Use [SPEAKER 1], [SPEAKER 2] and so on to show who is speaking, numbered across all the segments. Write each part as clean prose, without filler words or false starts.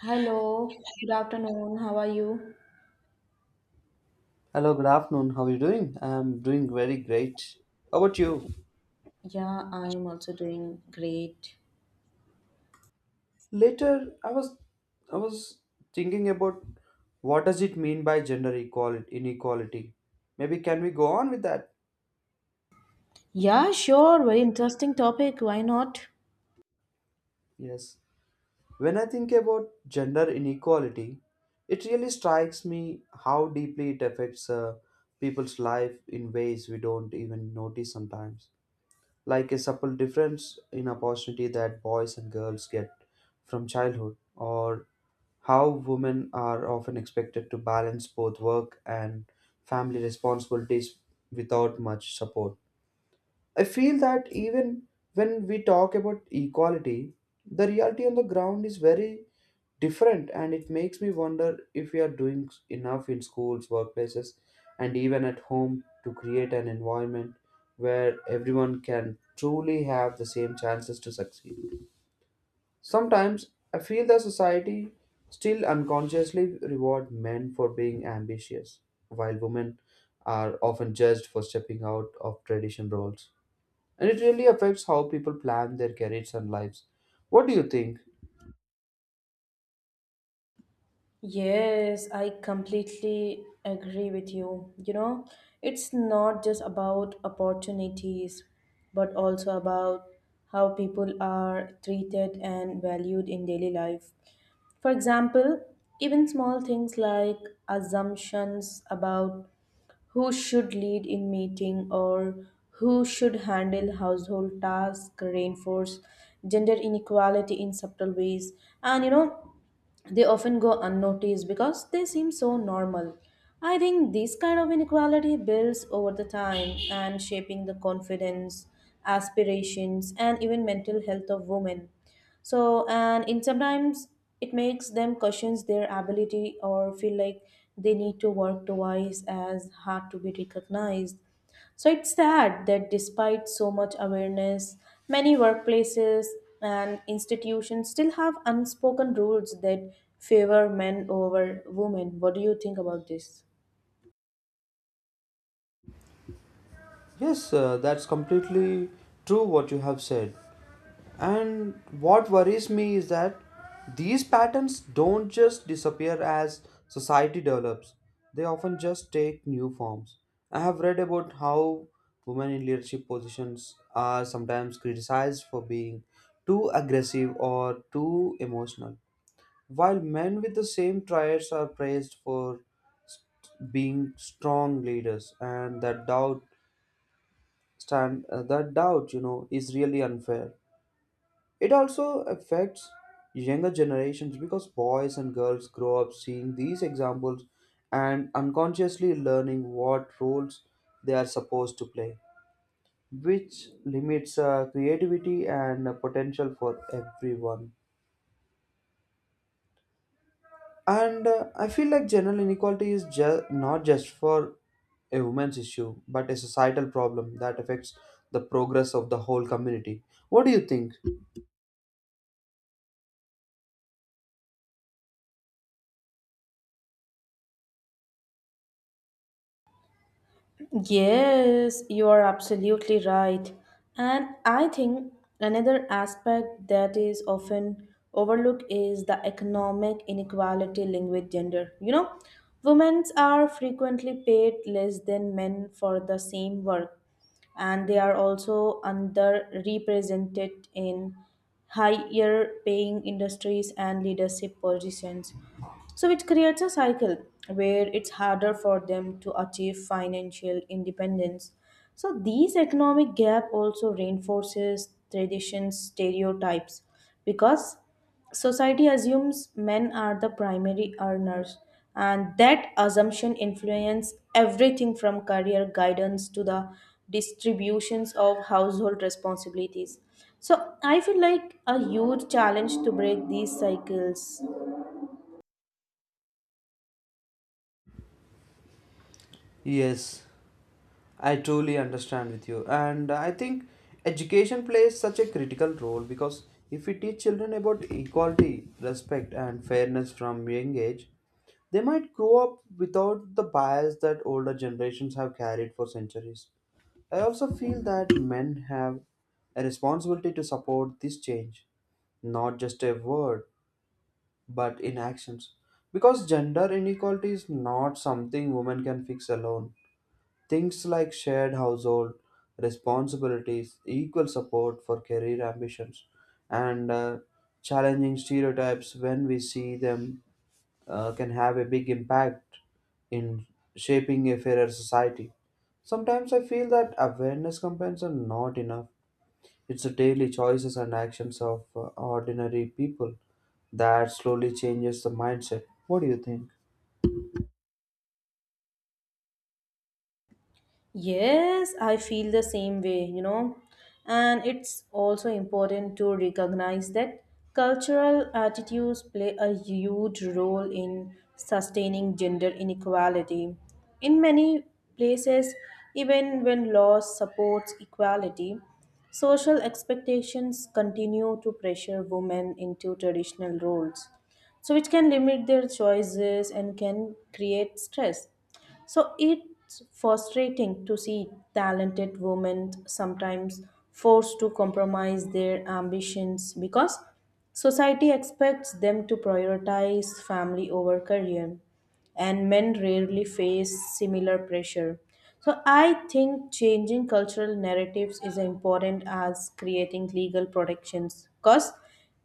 [SPEAKER 1] Hello, good afternoon. How are you?
[SPEAKER 2] Hello, good afternoon. How are you doing? I'm doing very great. How about you?
[SPEAKER 1] Yeah, I'm also doing great.
[SPEAKER 2] Later, I was thinking about what does it mean by gender equality inequality. Maybe can we go on with that?
[SPEAKER 1] Yeah, sure. Very interesting topic. Why not?
[SPEAKER 2] Yes. When I think about gender inequality, it really strikes me how deeply it affects people's life in ways we don't even notice sometimes like a subtle difference in opportunity that boys and girls get from childhood, or how women are often expected to balance both work and family responsibilities without much support. I feel that even when we talk about equality, the reality on the ground is very different, and it makes me wonder if we are doing enough in schools, workplaces, and even at home to create an environment where everyone can truly have the same chances to succeed. Sometimes I feel the society still unconsciously reward men for being ambitious, while women are often judged for stepping out of traditional roles and it really affects how people plan their careers and lives. What do you think?
[SPEAKER 1] Yes, I completely agree with you. You know, it's not just about opportunities, but also about how people are treated and valued in daily life. For example, even small things like assumptions about who should lead in meeting or who should handle household tasks reinforce gender inequality in subtle ways, and you know they often go unnoticed because they seem so normal. I think this kind of inequality builds over the time and shaping the confidence, aspirations, and even mental health of women. So, and in sometimes it makes them question their ability or feel like they need to work twice as hard to be recognized. So it's sad that despite so much awareness, many workplaces and institutions still have unspoken rules that favor men over women. What do you think about this?
[SPEAKER 2] Yes, that's completely true what you have said. And what worries me is that these patterns don't just disappear as society develops, they often just take new forms. I have read about how women in leadership positions are sometimes criticized for being too aggressive or too emotional, while men with the same traits are praised for being strong leaders, and that doubt is really unfair. It also affects younger generations because boys and girls grow up seeing these examples and unconsciously learning what roles they are supposed to play, which limits creativity and potential for everyone. And I feel like general inequality is not just for a woman's issue, but a societal problem that affects the progress of the whole community. What do you think?
[SPEAKER 1] Yes, you are absolutely right. And I think another aspect that is often overlooked is the economic inequality linked with gender. You know, women are frequently paid less than men for the same work, and they are also underrepresented in higher paying industries and leadership positions. So, it creates a cycle where it's harder for them to achieve financial independence. So, these economic gap also reinforces tradition stereotypes because society assumes men are the primary earners, and that assumption influences everything from career guidance to the distributions of household responsibilities. So I feel like a huge challenge to break these cycles.
[SPEAKER 2] Yes, I truly understand with you. And I think education plays such a critical role because if we teach children about equality, respect, and fairness from young age, they might grow up without the bias that older generations have carried for centuries. I also feel that men have a responsibility to support this change, not just a word, but in actions. Because gender inequality is not something women can fix alone. Things like shared household responsibilities, equal support for career ambitions, and challenging stereotypes when we see them can have a big impact in shaping a fairer society. Sometimes I feel that awareness campaigns are not enough. It's the daily choices and actions of ordinary people that slowly changes the mindset. What do you think?
[SPEAKER 1] Yes, I feel the same way, you know. And it's also important to recognize that cultural attitudes play a huge role in sustaining gender inequality. In many places, even when laws supports equality, social expectations continue to pressure women into traditional roles, so which can limit their choices and can create stress. So it's frustrating to see talented women sometimes forced to compromise their ambitions because society expects them to prioritize family over career, and men rarely face similar pressure. So I think changing cultural narratives is important as creating legal protections because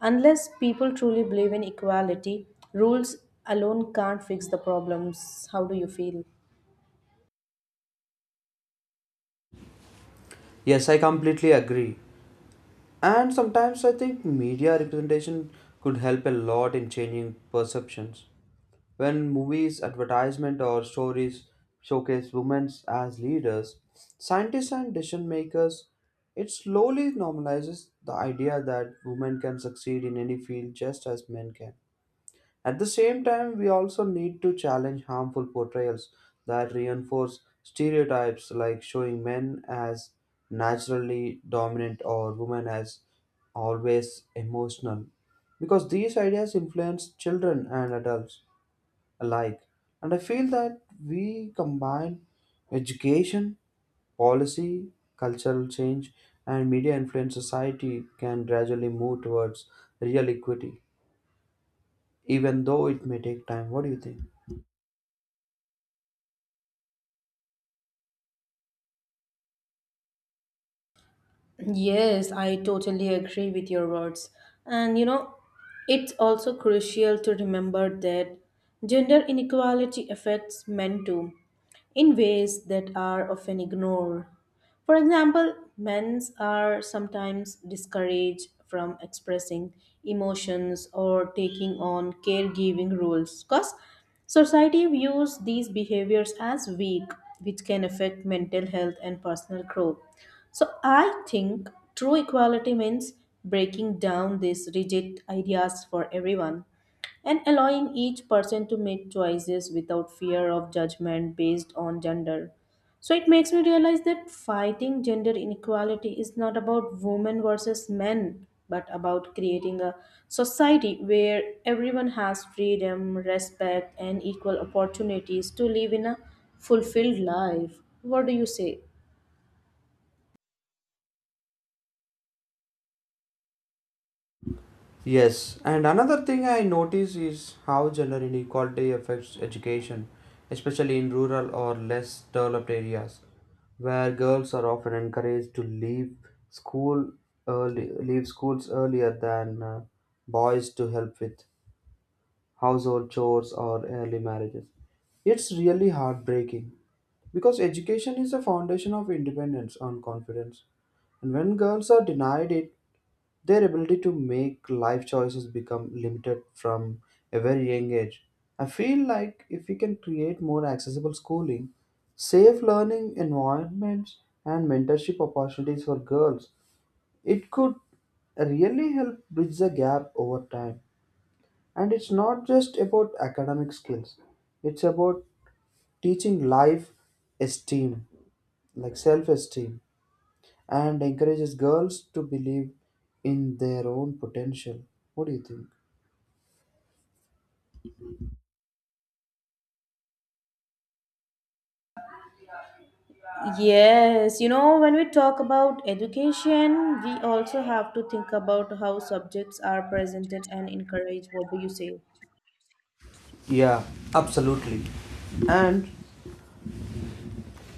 [SPEAKER 1] unless people truly believe in equality, rules alone can't fix the problems. How do you feel?
[SPEAKER 2] Yes, I completely agree. And sometimes I think media representation could help a lot in changing perceptions. When movies, advertisement, or stories showcase women as leaders, scientists, and decision makers, it slowly normalizes the idea that women can succeed in any field just as men can. At the same time, we also need to challenge harmful portrayals that reinforce stereotypes like showing men as naturally dominant or women as always emotional because these ideas influence children and adults alike. And I feel that we combine education, policy, cultural change, and media influence society can gradually move towards real equity, even though it may take time. What do you think?
[SPEAKER 1] Yes, I totally agree with your words. And you know, it's also crucial to remember that gender inequality affects men too in ways that are often ignored. For example, men are sometimes discouraged from expressing emotions or taking on caregiving roles because society views these behaviors as weak, which can affect mental health and personal growth. So I think true equality means breaking down these rigid ideas for everyone and allowing each person to make choices without fear of judgment based on gender. So it makes me realize that fighting gender inequality is not about women versus men, but about creating a society where everyone has freedom, respect, and equal opportunities to live in a fulfilled life. What do you say?
[SPEAKER 2] Yes, and another thing I notice is how gender inequality affects education, especially in rural or less developed areas, where girls are often encouraged to school leave schools earlier than boys to help with household chores or early marriages. It's really heartbreaking because education is the foundation of independence and confidence. And when girls are denied it, their ability to make life choices become limited from a very young age. I feel like if we can create more accessible schooling, safe learning environments, and mentorship opportunities for girls, it could really help bridge the gap over time. And it's not just about academic skills, it's about teaching life esteem, like self esteem and encourages girls to believe in their own potential. What do you think?
[SPEAKER 1] Yes, you know, when we talk about education, we also have to think about how subjects are presented and encouraged. What do you say?
[SPEAKER 2] Yeah, absolutely. and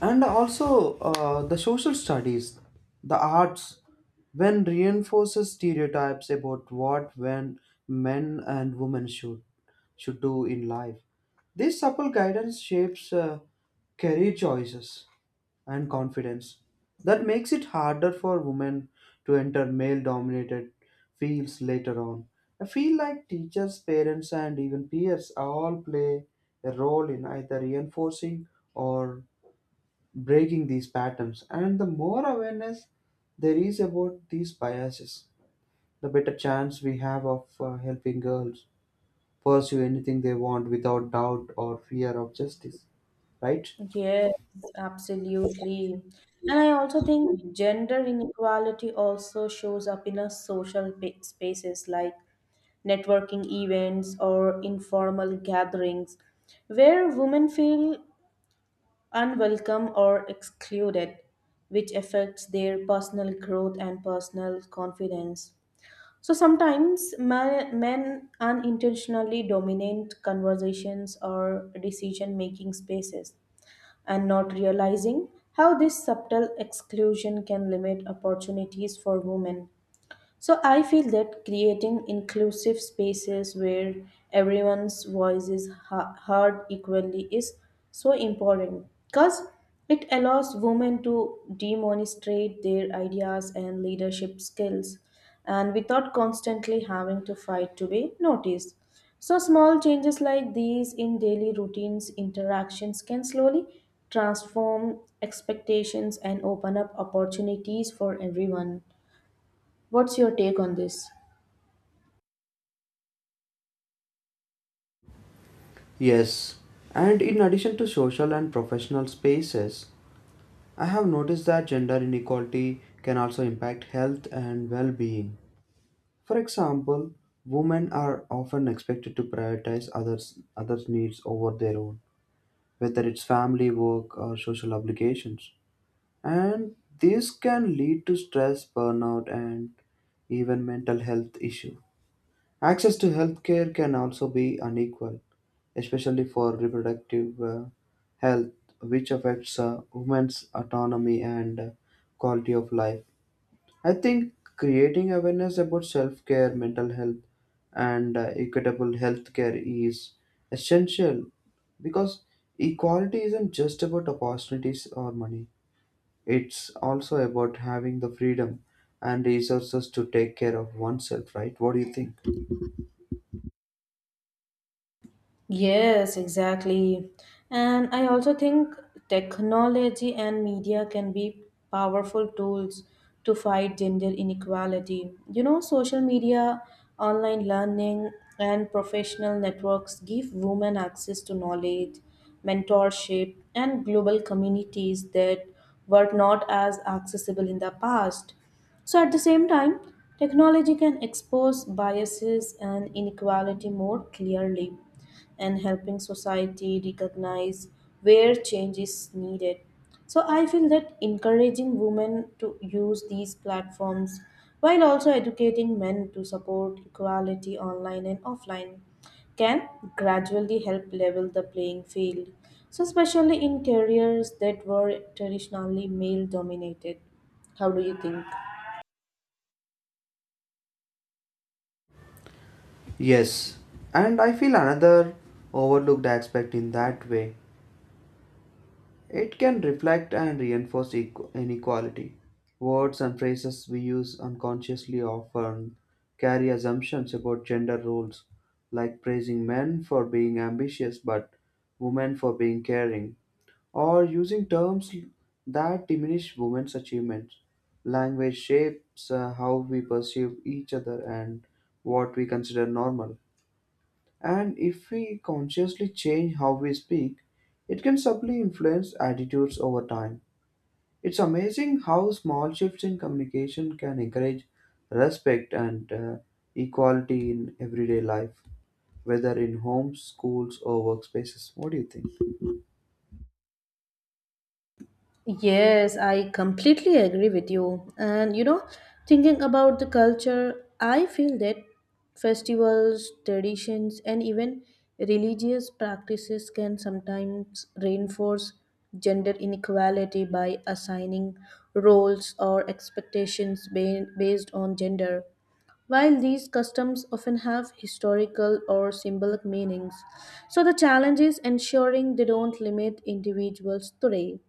[SPEAKER 2] and also the social studies, the arts, when reinforces stereotypes about what when men and women should do in life. This supple guidance shapes career choices and confidence. That makes it harder for women to enter male dominated fields later on. I feel like teachers, parents, and even peers all play a role in either reinforcing or breaking these patterns. And the more awareness there is about these biases, the better chance we have of helping girls pursue anything they want without doubt or fear of justice, right?
[SPEAKER 1] Yes, absolutely. And I also think gender inequality also shows up in a social spaces like networking events or informal gatherings where women feel unwelcome or excluded, which affects their personal growth and personal confidence. So sometimes men unintentionally dominate conversations or decision making spaces and not realizing how this subtle exclusion can limit opportunities for women. So I feel that creating inclusive spaces where everyone's voice is heard equally is so important because it allows women to demonstrate their ideas and leadership skills and without constantly having to fight to be noticed. So small changes like these in daily routines interactions can slowly transform expectations and open up opportunities for everyone. What's your take on this?
[SPEAKER 2] Yes, and in addition to social and professional spaces, I have noticed that gender inequality can also impact health and well being. For example, women are often expected to prioritize others' needs over their own, whether it's family, work, or social obligations. And this can lead to stress, burnout, and even mental health issues. Access to healthcare can also be unequal, especially for reproductive health, which affects women's autonomy and quality of life. I think creating awareness about self care, mental health, and equitable health care is essential because equality isn't just about opportunities or money, it's also about having the freedom and resources to take care of oneself, right? What do you think?
[SPEAKER 1] Yes, exactly. And I also think technology and media can be powerful tools to fight gender inequality. You know, social media, online learning, and professional networks give women access to knowledge, mentorship, and global communities that were not as accessible in the past. So, at the same time, technology can expose biases and inequality more clearly and helping society recognize where change is needed. So I feel that encouraging women to use these platforms while also educating men to support equality online and offline can gradually help level the playing field, so especially in careers that were traditionally male dominated. How do you think?
[SPEAKER 2] Yes, and I feel another overlooked aspect in that way. It can reflect and reinforce inequality. Words and phrases we use unconsciously often carry assumptions about gender roles, like praising men for being ambitious but women for being caring, or using terms that diminish women's achievements. Language shapes how we perceive each other and what we consider normal. And if we consciously change how we speak, it can subtly influence attitudes over time. It's amazing how small shifts in communication can encourage respect and equality in everyday life, whether in homes, schools, or workspaces. What do you think?
[SPEAKER 1] Yes, I completely agree with you. And you know, thinking about the culture, I feel that festivals, traditions, and even religious practices can sometimes reinforce gender inequality by assigning roles or expectations based on gender. While these customs often have historical or symbolic meanings, so the challenge is ensuring they don't limit individuals today.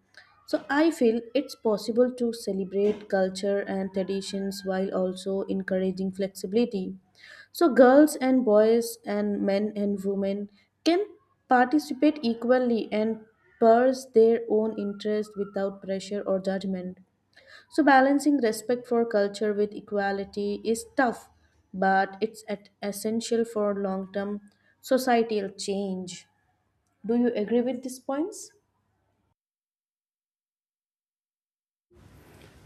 [SPEAKER 1] So I feel it's possible to celebrate culture and traditions while also encouraging flexibility. So girls and boys and men and women can participate equally and pursue their own interest without pressure or judgment. So balancing respect for culture with equality is tough, but it's essential for long-term societal change. Do you agree with these points?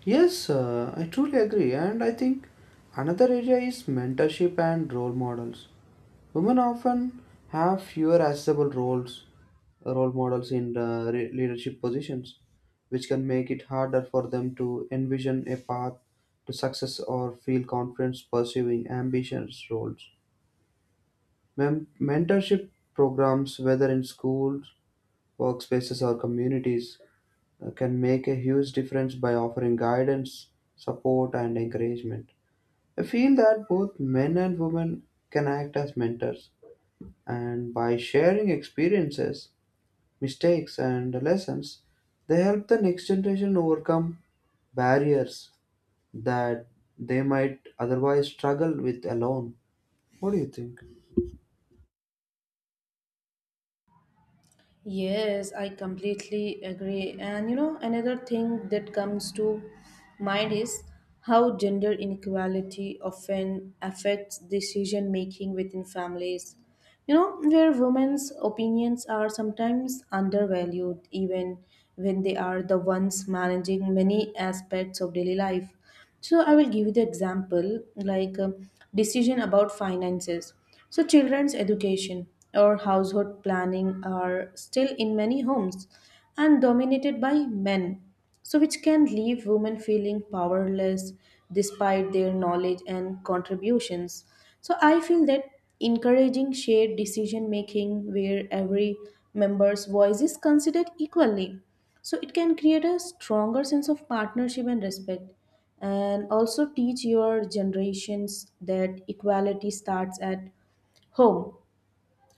[SPEAKER 2] Yes, I truly agree, and I think another area is mentorship and role models. Women often have fewer accessible role models in leadership positions, which can make it harder for them to envision a path to success or feel confidence pursuing ambitious roles. Mentorship programs, whether in schools, workspaces, or communities, can make a huge difference by offering guidance, support, and encouragement. I feel that both men and women can act as mentors, and by sharing experiences, mistakes, and lessons, they help the next generation overcome barriers that they might otherwise struggle with alone. What do you think?
[SPEAKER 1] Yes, I completely agree. And you know, another thing that comes to mind is how gender inequality often affects decision making within families. You know, where women's opinions are sometimes undervalued, even when they are the ones managing many aspects of daily life. So I will give you the example like decision about finances. So children's education or household planning are still in many homes and dominated by men, so which can leave women feeling powerless despite their knowledge and contributions. So I feel that encouraging shared decision making where every member's voice is considered equally. So it can create a stronger sense of partnership and respect and also teach your generations that equality starts at home.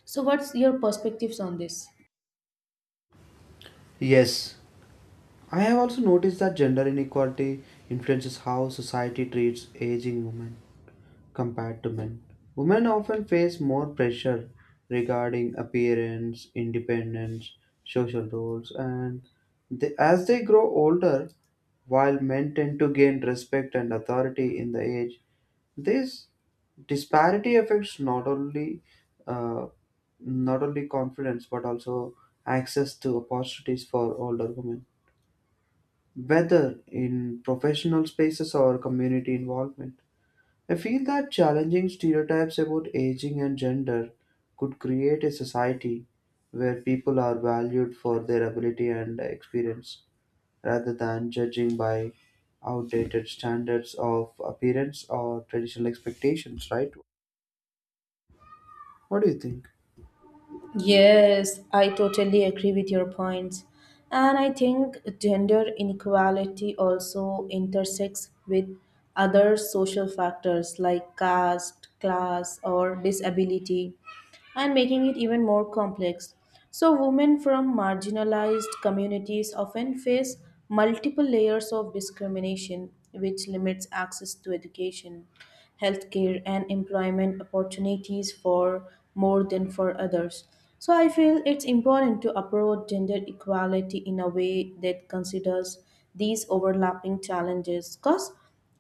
[SPEAKER 1] So, what's your perspectives on this?
[SPEAKER 2] Yes, I have also noticed that gender inequality influences how society treats aging women compared to men. Women often face more pressure regarding appearance, independence, social roles, and they, as they grow older, while men tend to gain respect and authority in the age, this disparity affects uh, not only confidence but also access to opportunities for older women, whether in professional spaces or community involvement. I feel that challenging stereotypes about aging and gender could create a society where people are valued for their ability and experience rather than judging by outdated standards of appearance or traditional expectations, right? What do you think?
[SPEAKER 1] Yes, I totally agree with your points. And I think gender inequality also intersects with other social factors like caste, class, or disability, and making it even more complex. So, women from marginalized communities often face multiple layers of discrimination, which limits access to education, healthcare, and employment opportunities for more than for others. So, I feel it's important to approach gender equality in a way that considers these overlapping challenges because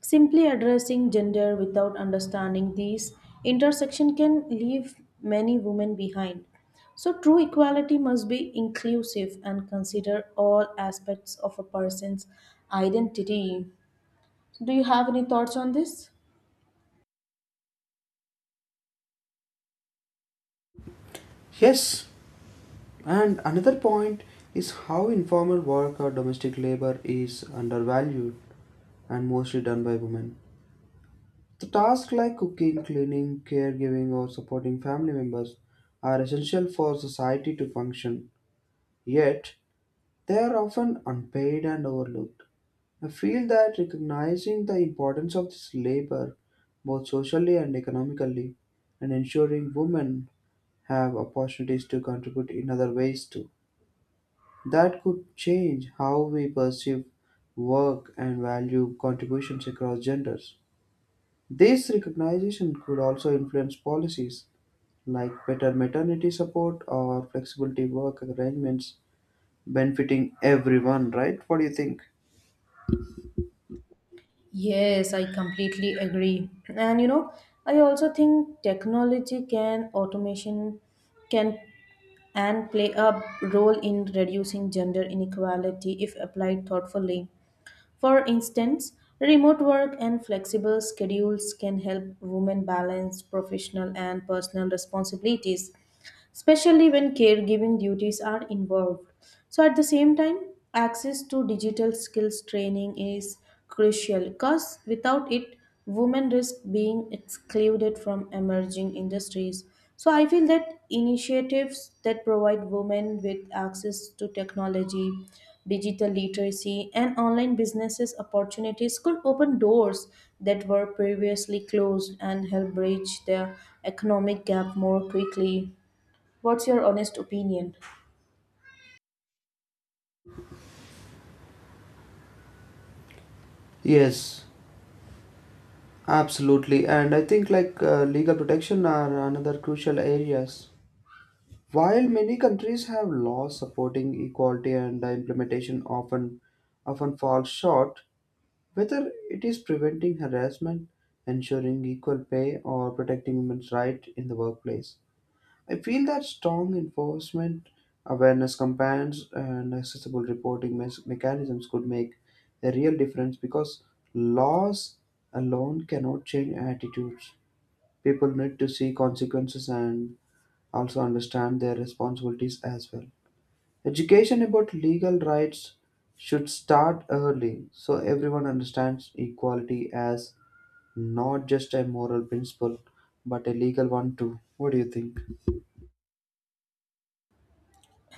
[SPEAKER 1] simply addressing gender without understanding these intersection can leave many women behind. So, true equality must be inclusive and consider all aspects of a person's identity. Do you have any thoughts on this?
[SPEAKER 2] Yes, and another point is how informal work or domestic labor is undervalued and mostly done by women. The tasks like cooking, cleaning, caregiving, or supporting family members are essential for society to function, yet, they are often unpaid and overlooked. I feel that recognizing the importance of this labor, both socially and economically, and ensuring women have opportunities to contribute in other ways too, that could change how we perceive work and value contributions across genders. This recognition could also influence policies like better maternity support or flexibility work arrangements benefiting everyone, right? What do you think?
[SPEAKER 1] Yes, I completely agree. And you know, I also think technology can automation can and play a role in reducing gender inequality if applied thoughtfully. For instance, remote work and flexible schedules can help women balance professional and personal responsibilities, especially when caregiving duties are involved. So, at the same time, access to digital skills training is crucial because without it, women risk being excluded from emerging industries. So, I feel that initiatives that provide women with access to technology, digital literacy, and online businesses opportunities could open doors that were previously closed and help bridge the economic gap more quickly. What's your honest opinion?
[SPEAKER 2] Yes, absolutely. And I think like legal protection are another crucial areas. While many countries have laws supporting equality and the implementation often falls short, whether it is preventing harassment, ensuring equal pay or protecting women's rights in the workplace. I feel that strong enforcement, awareness campaigns, and accessible reporting mechanisms could make a real difference because laws alone cannot change attitudes. People need to see consequences and also understand their responsibilities as well. Education about legal rights should start early so everyone understands equality as not just a moral principle but a legal one too. What do you think?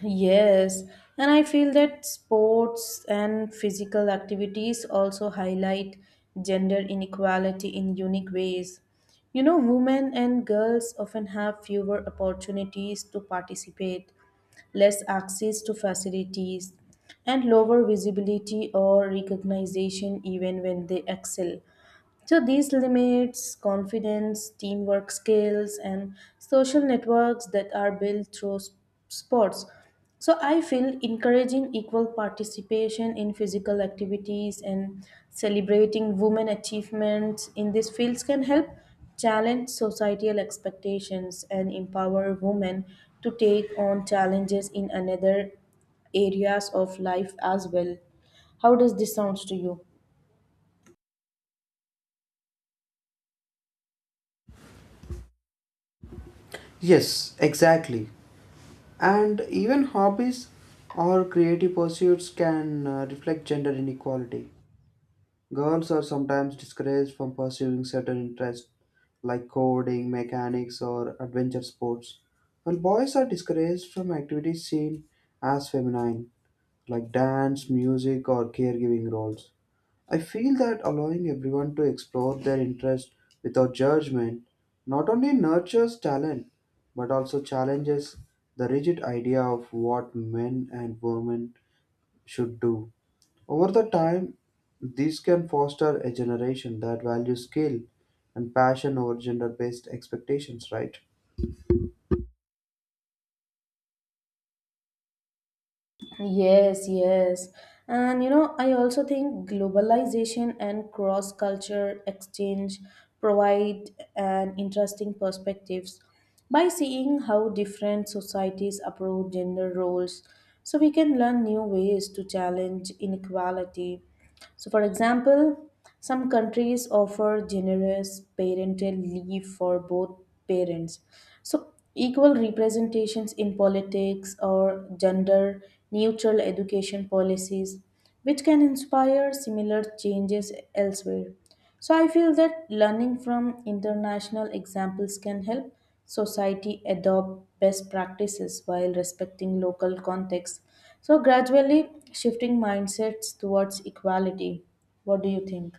[SPEAKER 1] Yes, and I feel that sports and physical activities also highlight gender inequality in unique ways. You know, women and girls often have fewer opportunities to participate, less access to facilities, and lower visibility or recognition even when they excel. So these limits confidence, teamwork skills, and social networks that are built through sports. So I feel encouraging equal participation in physical activities and celebrating women achievements in these fields can help challenge societal expectations and empower women to take on challenges in another areas of life as well. How does this sounds to you?
[SPEAKER 2] Yes, exactly. And even hobbies or creative pursuits can reflect gender inequality. Girls are sometimes discouraged from pursuing certain interests like coding, mechanics, or adventure sports, while boys are discouraged from activities seen as feminine like dance, music, or caregiving roles. I feel that allowing everyone to explore their interest without judgment not only nurtures talent but also challenges the rigid idea of what men and women should do. Over the time, this can foster a generation that values skill and passion over gender based expectations, right?
[SPEAKER 1] Yes, yes. And you know, I also think globalization and cross culture exchange provide an interesting perspectives. By seeing how different societies approach gender roles, so we can learn new ways to challenge inequality. So, for example, some countries offer generous parental leave for both parents. So, equal representations in politics or gender neutral education policies, which can inspire similar changes elsewhere. So, I feel that learning from international examples can help society adopt best practices while respecting local context, so gradually shifting mindsets towards equality. What do you think?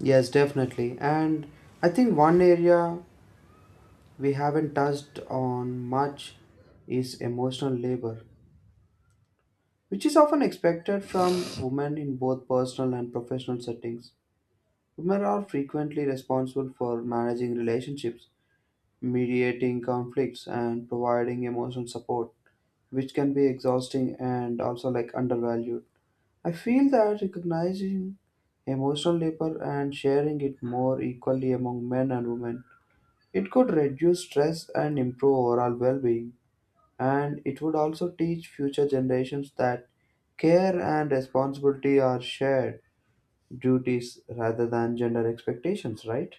[SPEAKER 2] Yes, definitely. And I think one area we haven't touched on much is emotional labor, which is often expected from women in both personal and professional settings. Women are frequently responsible for managing relationships, mediating conflicts, and providing emotional support, which can be exhausting and also like undervalued. I feel that recognizing emotional labor and sharing it more equally among men and women, it could reduce stress and improve overall well-being, and it would also teach future generations that care and responsibility are shared duties rather than gender expectations, right?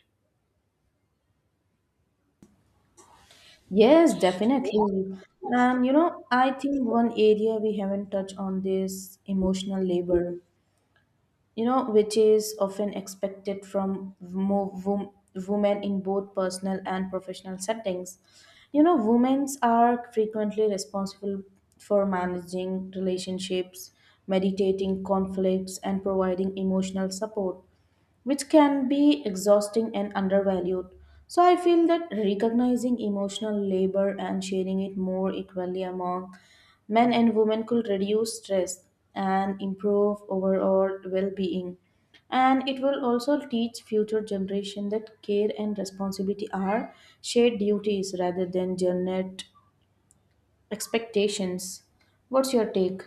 [SPEAKER 1] Yes, definitely. And you know, I think one area we haven't touched on this emotional labor, you know, which is often expected from women in both personal and professional settings. You know, women are frequently responsible for managing relationships, meditating conflicts, and providing emotional support which can be exhausting and undervalued. So I feel that recognizing emotional labor and sharing it more equally among men and women could reduce stress and improve overall well-being. And it will also teach future generation that care and responsibility are shared duties rather than gendered expectations. What's your take?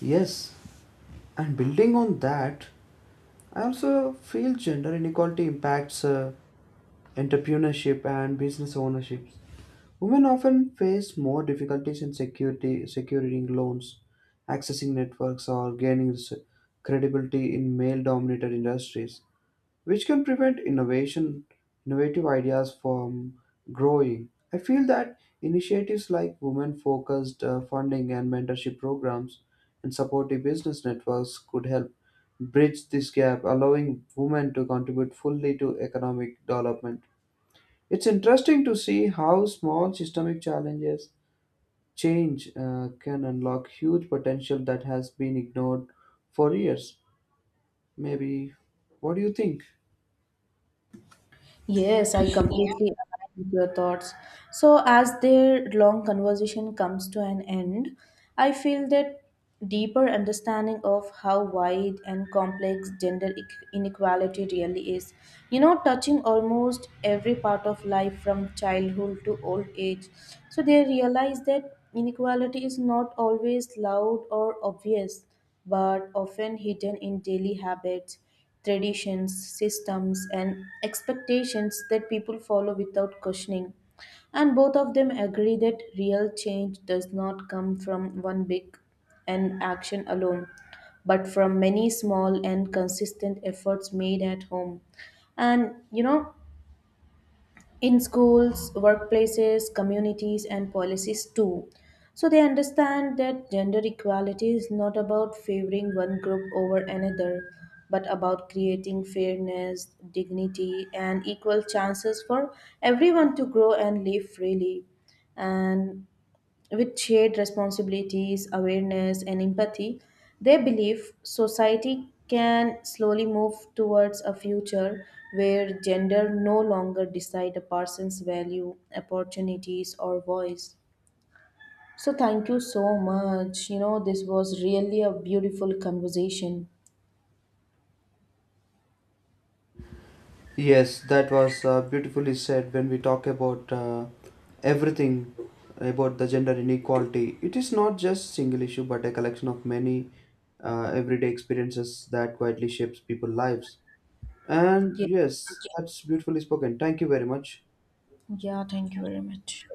[SPEAKER 2] Yes, and building on that, I also feel gender inequality impacts entrepreneurship and business ownership. Women often face more difficulties in securing loans, accessing networks, or gaining credibility in male dominated industries, which can prevent innovation innovative ideas from growing. I feel that initiatives like women focused funding and mentorship programs and supportive business networks could help bridge this gap, allowing women to contribute fully to economic development. It's interesting to see how small systemic challenges change can unlock huge potential that has been ignored for years, maybe. What do you think?
[SPEAKER 1] Yes, I completely align with your thoughts. So, as their long conversation comes to an end, I feel that deeper understanding of how wide and complex gender inequality really is, you know, touching almost every part of life from childhood to old age. So, they realize that inequality is not always loud or obvious, but often hidden in daily habits, traditions, systems, and expectations that people follow without questioning. And both of them agree that real change does not come from one big and action alone, but from many small and consistent efforts made at home. And you know, in schools, workplaces, communities, and policies too. So they understand that gender equality is not about favoring one group over another, but about creating fairness, dignity, and equal chances for everyone to grow and live freely. And with shared responsibilities, awareness, and empathy, they believe society can slowly move towards a future where gender no longer decide a person's value, opportunities, or voice. So thank you so much. You know, this was really a beautiful conversation.
[SPEAKER 2] Yes, that was beautifully said. When we talk about everything about the gender inequality, it is not just single issue but a collection of many everyday experiences that quietly shapes people's lives. And
[SPEAKER 1] Yeah,
[SPEAKER 2] yes, that's beautifully spoken. Thank you very much.
[SPEAKER 1] yeah, thank you very much.